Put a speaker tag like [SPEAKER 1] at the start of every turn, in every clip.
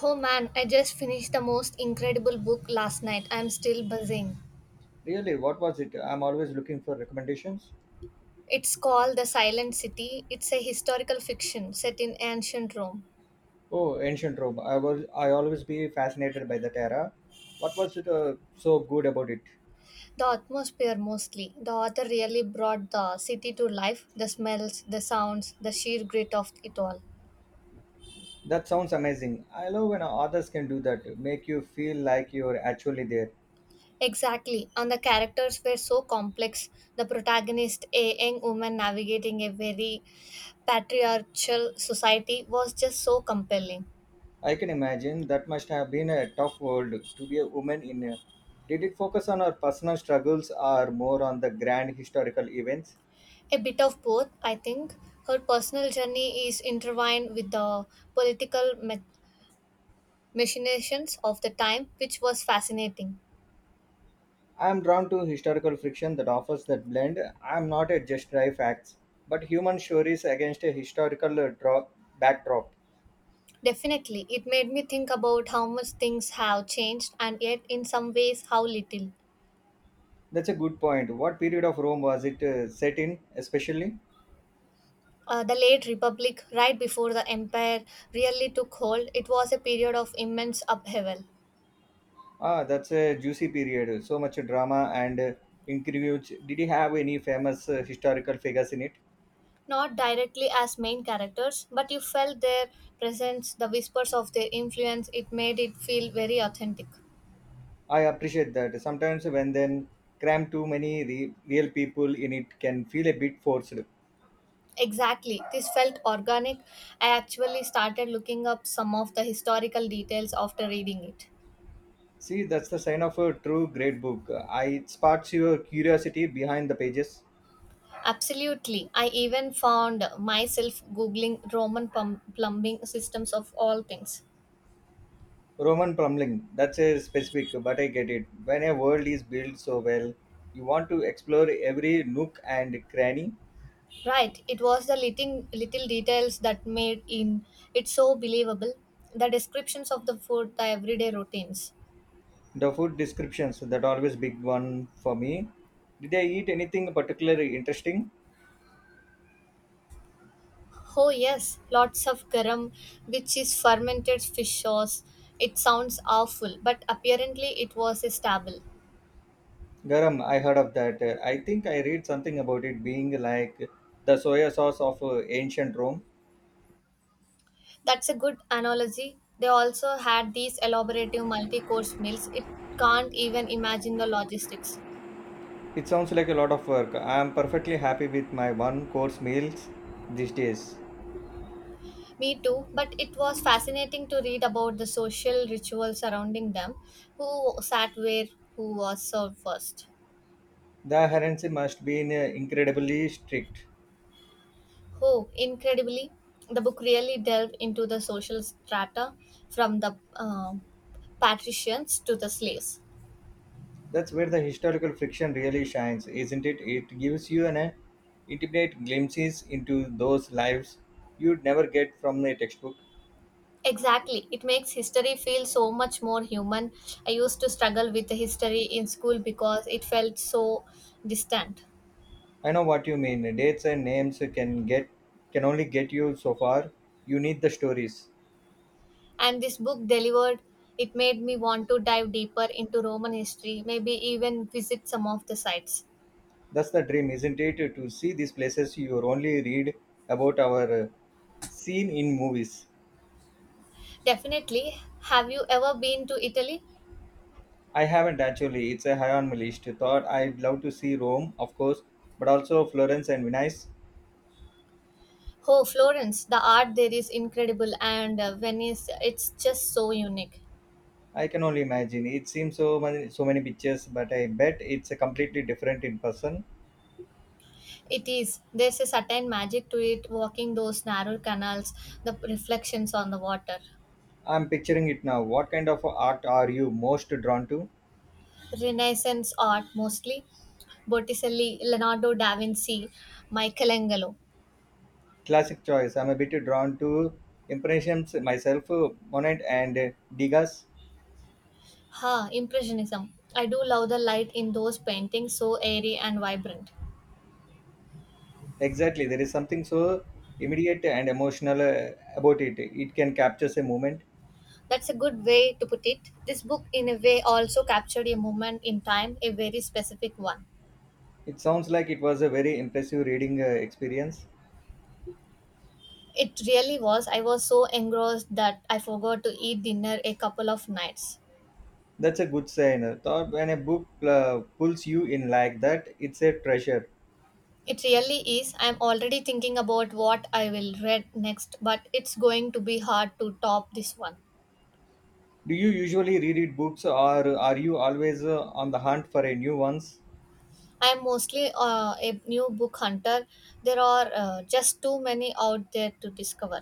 [SPEAKER 1] Oh man, I just finished the most incredible book last night. I'm still buzzing.
[SPEAKER 2] Really, what was it? I'm always looking for recommendations.
[SPEAKER 1] It's called The Silent City. It's a historical fiction set in ancient Rome.
[SPEAKER 2] Oh, ancient Rome. I always be fascinated by that era. What was it so good about it?
[SPEAKER 1] The atmosphere mostly. The author really brought the city to life, the smells, the sounds, the sheer grit of it all.
[SPEAKER 2] That sounds amazing. I love when authors can do that, make you feel like you're actually there.
[SPEAKER 1] Exactly, and the characters were so complex. The protagonist, a young woman navigating a very patriarchal society, was just so compelling.
[SPEAKER 2] I can imagine that must have been a tough world to be a woman in. Did it focus on our personal struggles or more on the grand historical events?
[SPEAKER 1] A bit of both, I think. Her personal journey is intertwined with the political ma- machinations of the time, which was fascinating.
[SPEAKER 2] I am drawn to historical fiction that offers that blend. I am not at just dry facts, but human stories against a backdrop.
[SPEAKER 1] Definitely, it made me think about how much things have changed and yet, in some ways, how little.
[SPEAKER 2] That's a good point. What period of Rome was it set in, especially?
[SPEAKER 1] The late Republic, right before the Empire really took hold, it was a period of immense upheaval.
[SPEAKER 2] Ah, that's a juicy period. So much drama and intrigues. Did he have any famous historical figures in it?
[SPEAKER 1] Not directly as main characters, but you felt their presence, the whispers of their influence, it made it feel very authentic.
[SPEAKER 2] I appreciate that. Sometimes when then cram too many real people in it can feel a bit forced.
[SPEAKER 1] Exactly. This felt organic. I actually started looking up some of the historical details after reading it.
[SPEAKER 2] See, that's the sign of a true great book. I it sparks your curiosity behind the pages.
[SPEAKER 1] Absolutely. I even found myself Googling plumbing systems of all things.
[SPEAKER 2] Roman Plumling, that's a specific, but I get it. When a world is built so well, you want to explore every nook and cranny.
[SPEAKER 1] Right. It was the little details that made in it so believable. The descriptions of the food, the everyday routines.
[SPEAKER 2] The food descriptions, that always big one for me. Did they eat anything particularly interesting?
[SPEAKER 1] Oh, yes. Lots of garam, which is fermented fish sauce. It sounds awful, but apparently it was a staple.
[SPEAKER 2] Garam, I heard of that. I think I read something about it being like the soya sauce of ancient Rome.
[SPEAKER 1] That's a good analogy. They also had these elaborative multi course meals. It can't even imagine the logistics.
[SPEAKER 2] It sounds like a lot of work. I am perfectly happy with my one course meals these days.
[SPEAKER 1] Me too, but it was fascinating to read about the social rituals surrounding them, who sat where, who was served first.
[SPEAKER 2] The adherence must be incredibly strict.
[SPEAKER 1] Oh, incredibly, the book really delved into the social strata from the um patricians to the slaves.
[SPEAKER 2] That's where the historical fiction really shines, isn't it? It gives you an intimate glimpses into those lives you'd never get from a textbook.
[SPEAKER 1] Exactly. It makes history feel so much more human. I used to struggle with the history in school because it felt so distant.
[SPEAKER 2] I know what you mean. Dates and names can only get you so far. You need the stories.
[SPEAKER 1] And this book delivered, it made me want to dive deeper into Roman history, maybe even visit some of the sites.
[SPEAKER 2] That's the dream, isn't it? To see these places you only read about our seen in movies.
[SPEAKER 1] Definitely. Have you ever been to Italy?
[SPEAKER 2] I haven't actually. It's a high on my list. Thought I'd love to see Rome, of course, but also Florence and Venice.
[SPEAKER 1] Oh, Florence, the art there is incredible, and Venice, it's just so unique.
[SPEAKER 2] I can only imagine. It seems so many pictures, but I bet it's a completely different in person.
[SPEAKER 1] It is. There's a certain magic to it, walking those narrow canals, the reflections on the water.
[SPEAKER 2] I'm picturing it now. What kind of art are you most drawn to?
[SPEAKER 1] Renaissance art mostly, Botticelli, Leonardo da Vinci, Michelangelo.
[SPEAKER 2] Classic choice. I'm a bit drawn to impressions myself, Monet and Degas.
[SPEAKER 1] Ha, Impressionism. I do love the light in those paintings, so airy and vibrant.
[SPEAKER 2] Exactly. There is something so immediate and emotional about it. It can capture a moment.
[SPEAKER 1] That's a good way to put it. This book, in a way, also captured a moment in time, a very specific one.
[SPEAKER 2] It sounds like it was a very impressive reading experience.
[SPEAKER 1] It really was. I was so engrossed that I forgot to eat dinner a couple of nights.
[SPEAKER 2] That's a good sign. Thought when a book pulls you in like that, it's a treasure.
[SPEAKER 1] It really is. I'm already thinking about what I will read next, but it's going to be hard to top this one.
[SPEAKER 2] Do you usually reread books, or are you always on the hunt for a new ones?
[SPEAKER 1] I'm mostly a new book hunter. There are just too many out there to discover.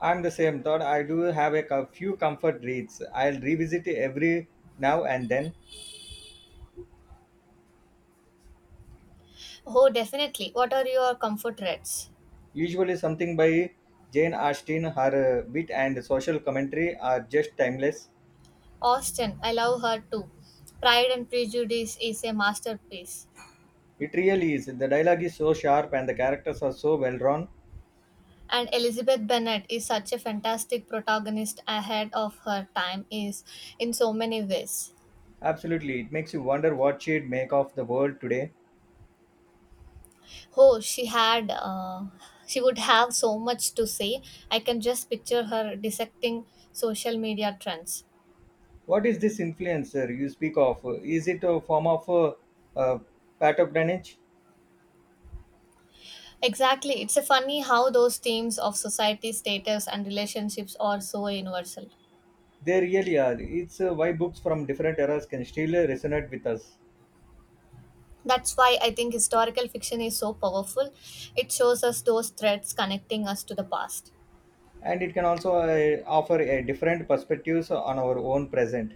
[SPEAKER 2] I'm the same. Thought I do have a few comfort reads. I'll revisit every now and then.
[SPEAKER 1] Oh, definitely. What are your comfort reads?
[SPEAKER 2] Usually something by Jane Austen. Her wit and social commentary are just timeless.
[SPEAKER 1] Austen, I love her too. Pride and Prejudice is a masterpiece.
[SPEAKER 2] It really is. The dialogue is so sharp and the characters are so well drawn.
[SPEAKER 1] And Elizabeth Bennet is such a fantastic protagonist, ahead of her time is in so many ways.
[SPEAKER 2] Absolutely, it makes you wonder what she'd make of the world today.
[SPEAKER 1] Oh, she had uh, she would have so much to say. I can just picture her dissecting social media trends.
[SPEAKER 2] What is this influencer you speak of? Is it a form of uh, patronage?
[SPEAKER 1] Exactly. It's a funny how those themes of society, status, and relationships are so universal.
[SPEAKER 2] They really are. It's why books from different eras can still resonate with us,
[SPEAKER 1] That's why I think historical fiction is so powerful. It shows us those threads connecting us to the past.
[SPEAKER 2] and it can also offer a different perspectives on our own present.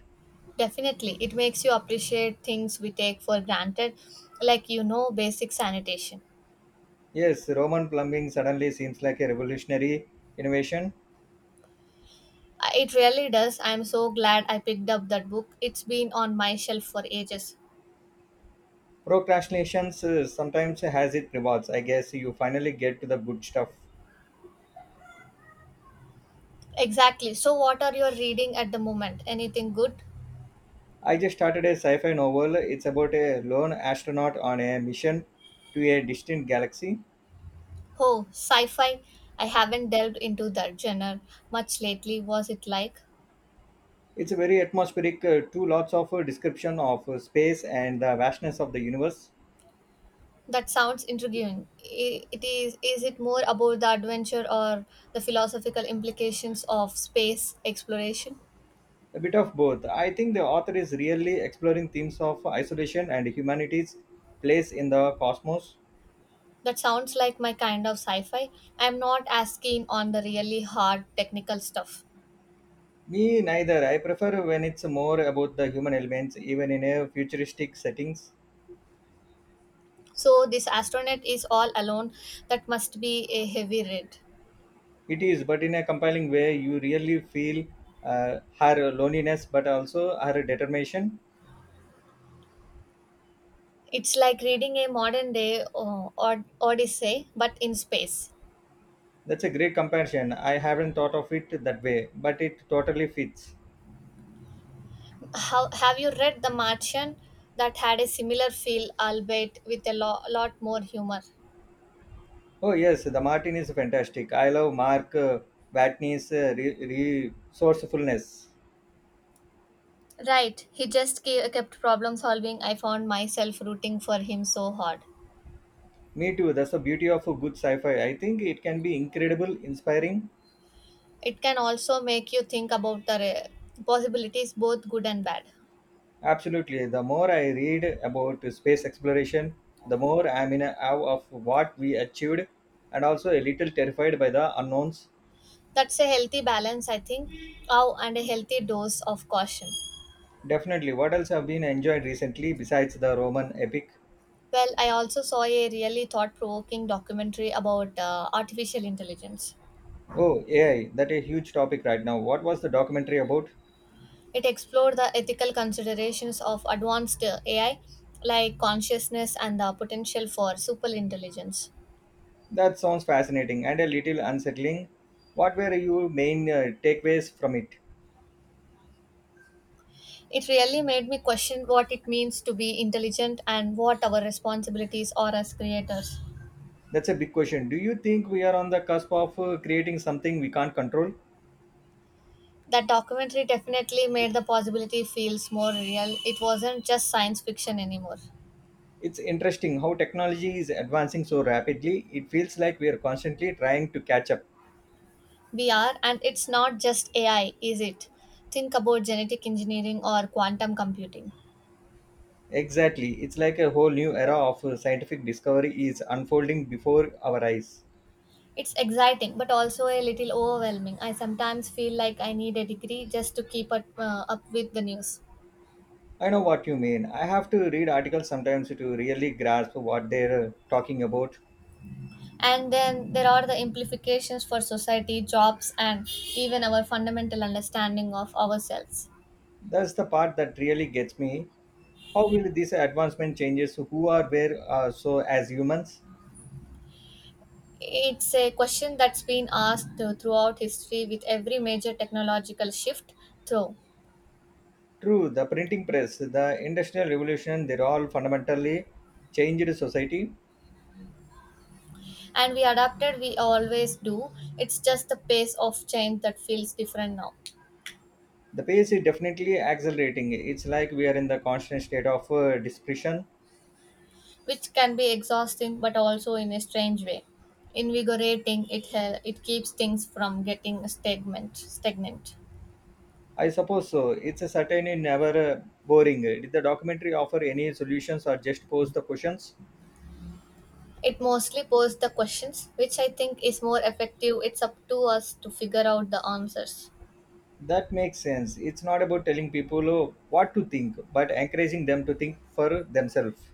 [SPEAKER 1] Definitely, it makes you appreciate things we take for granted, like basic sanitation.
[SPEAKER 2] Yes, Roman plumbing suddenly seems like a revolutionary innovation.
[SPEAKER 1] It really does. I'm so glad I picked up that book. It's been on my shelf for ages.
[SPEAKER 2] Procrastinations sometimes has its rewards. I guess you finally get to the good stuff.
[SPEAKER 1] Exactly. So, what are you reading at the moment? Anything good?
[SPEAKER 2] I just started a sci fi novel. It's about a lone astronaut on a mission to a distant galaxy.
[SPEAKER 1] Oh, sci-fi. I haven't delved into that genre much lately. Was it like?
[SPEAKER 2] It's a very atmospheric, too lots of description of space and the vastness of the universe.
[SPEAKER 1] That sounds intriguing. I- It is it more about the adventure or the philosophical implications of space exploration?
[SPEAKER 2] A bit of both. I think the author is really exploring themes of isolation and humanity's place in the cosmos.
[SPEAKER 1] That sounds like my kind of sci-fi. I'm not as keen on the really hard technical stuff.
[SPEAKER 2] Me neither. I prefer when it's more about the human elements, even in a futuristic settings.
[SPEAKER 1] So this astronaut is all alone. That must be a heavy read.
[SPEAKER 2] It is, but in a compelling way, you really feel her loneliness, but also her determination.
[SPEAKER 1] It's like reading a modern day Odyssey, but in space.
[SPEAKER 2] That's a great comparison. I haven't thought of it that way, but it totally fits.
[SPEAKER 1] How, have you read The Martian? That had a similar feel, albeit with a lot more humor.
[SPEAKER 2] Oh yes, the Martin is fantastic. I love Mark Watney's resourcefulness.
[SPEAKER 1] Right, he just kept problem solving. I found myself rooting for him so hard.
[SPEAKER 2] Me too. That's the beauty of a good sci-fi. I think it can be incredible, inspiring.
[SPEAKER 1] It can also make you think about the possibilities, both good and bad.
[SPEAKER 2] Absolutely. The more I read about space exploration, the more I'm in awe of what we achieved and also a little terrified by the unknowns.
[SPEAKER 1] That's a healthy balance, I think. Oh, and a healthy dose of caution.
[SPEAKER 2] Definitely. What else have been enjoyed recently besides the Roman epic?
[SPEAKER 1] Well, I also saw a really thought provoking documentary about artificial intelligence.
[SPEAKER 2] Oh, AI, that a huge topic right now. What was the documentary about?
[SPEAKER 1] It explored the ethical considerations of advanced AI, like consciousness and the potential for superintelligence.
[SPEAKER 2] That sounds fascinating and a little unsettling. What were your main takeaways from it?
[SPEAKER 1] It really made me question what it means to be intelligent and what our responsibilities are as creators.
[SPEAKER 2] That's a big question. Do you think we are on the cusp of creating something we can't control?
[SPEAKER 1] That documentary definitely made the possibility feels more real. It wasn't just science fiction anymore.
[SPEAKER 2] It's interesting how technology is advancing so rapidly. It feels like we are constantly trying to catch up.
[SPEAKER 1] We are, and it's not just AI, is it? Think about genetic engineering or quantum computing.
[SPEAKER 2] Exactly. It's like a whole new era of scientific discovery is unfolding before our eyes.
[SPEAKER 1] It's exciting, but also a little overwhelming. I sometimes feel like I need a degree just to keep up, up with the news.
[SPEAKER 2] I know what you mean. I have to read articles sometimes to really grasp what they're talking about.
[SPEAKER 1] And then there are the implications for society, jobs, and even our fundamental understanding of ourselves.
[SPEAKER 2] That's the part that really gets me. How will this advancement changes who are where so as humans?
[SPEAKER 1] It's a question that's been asked throughout history with every major technological shift, through.
[SPEAKER 2] True, the printing press, the industrial revolution, they're all fundamentally changed society.
[SPEAKER 1] And we adapted, we always do. It's just the pace of change that feels different now.
[SPEAKER 2] The pace is definitely accelerating. It's like we are in the constant state of discretion.
[SPEAKER 1] Which can be exhausting but also, in a strange way, invigorating. It keeps things from getting stagnant.
[SPEAKER 2] I suppose so. It's a certainly never boring. Did the documentary offer any solutions or just pose the questions?
[SPEAKER 1] It mostly poses the questions, which I think is more effective. It's up to us to figure out the answers.
[SPEAKER 2] That makes sense. It's not about telling people what to think, but encouraging them to think for themselves.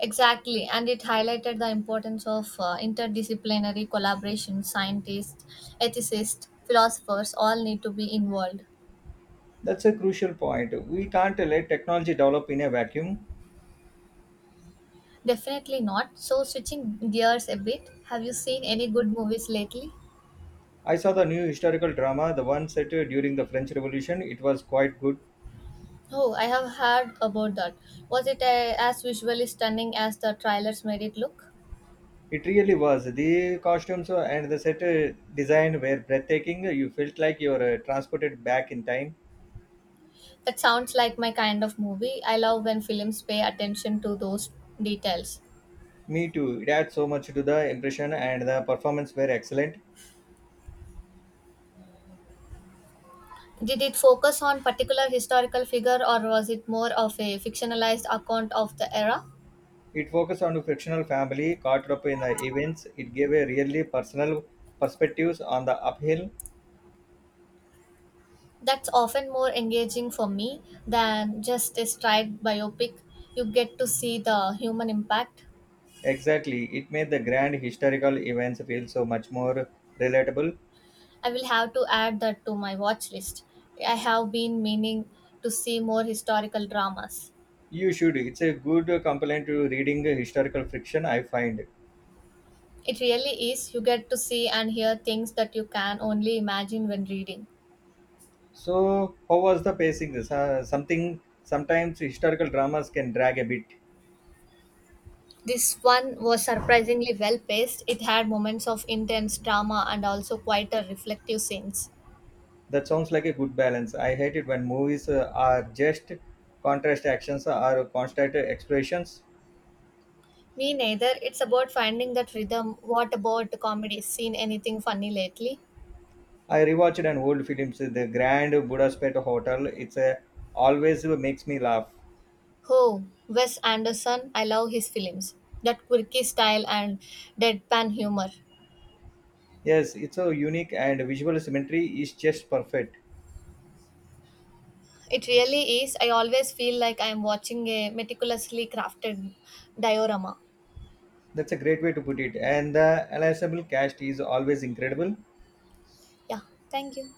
[SPEAKER 1] Exactly, and it highlighted the importance of interdisciplinary collaboration. Scientists, ethicists, philosophers all need to be involved.
[SPEAKER 2] That's a crucial point. We can't let technology develop in a vacuum.
[SPEAKER 1] Definitely not. So, switching gears a bit, have you seen any good movies lately?
[SPEAKER 2] I saw the new historical drama, the one set during the French Revolution. It was quite good.
[SPEAKER 1] Oh, I have heard about that. Was it as visually stunning as the trailers made it look?
[SPEAKER 2] It really was. The costumes and the set design were breathtaking. You felt like you were transported back in time.
[SPEAKER 1] That sounds like my kind of movie. I love when films pay attention to those details.
[SPEAKER 2] Me too. It adds so much to the impression, and the performance were excellent.
[SPEAKER 1] Did it focus on particular historical figure or was it more of a fictionalized account of the era?
[SPEAKER 2] It focused on a fictional family caught up in the events. It gave a really personal perspectives on the uphill.
[SPEAKER 1] That's often more engaging for me than just a straight biopic. You get to see the human impact.
[SPEAKER 2] Exactly. It made the grand historical events feel so much more relatable.
[SPEAKER 1] I will have to add that to my watch list. I have been meaning to see more historical dramas.
[SPEAKER 2] You should. It's a good complement to reading historical fiction, I find.
[SPEAKER 1] It really is, you get to see and hear things that you can only imagine when reading.
[SPEAKER 2] So, how was the pacing? This something Sometimes historical dramas can drag a bit.
[SPEAKER 1] This one was surprisingly well paced. It had moments of intense drama and also quieter reflective scenes.
[SPEAKER 2] That sounds like a good balance. I hate it when movies are just contrast actions or constant explorations.
[SPEAKER 1] Me neither. It's about finding that rhythm. What about comedy? Seen anything funny lately?
[SPEAKER 2] I rewatched an old film, so The Grand Budapest Hotel. It's a always makes me laugh.
[SPEAKER 1] Oh, Wes Anderson. I love his films. That quirky style and deadpan humor.
[SPEAKER 2] Yes, it's so unique and visual symmetry is just perfect.
[SPEAKER 1] It really is. I always feel like I am watching a meticulously crafted diorama.
[SPEAKER 2] That's a great way to put it. And the ensemble cast is always incredible.
[SPEAKER 1] Yeah, thank you.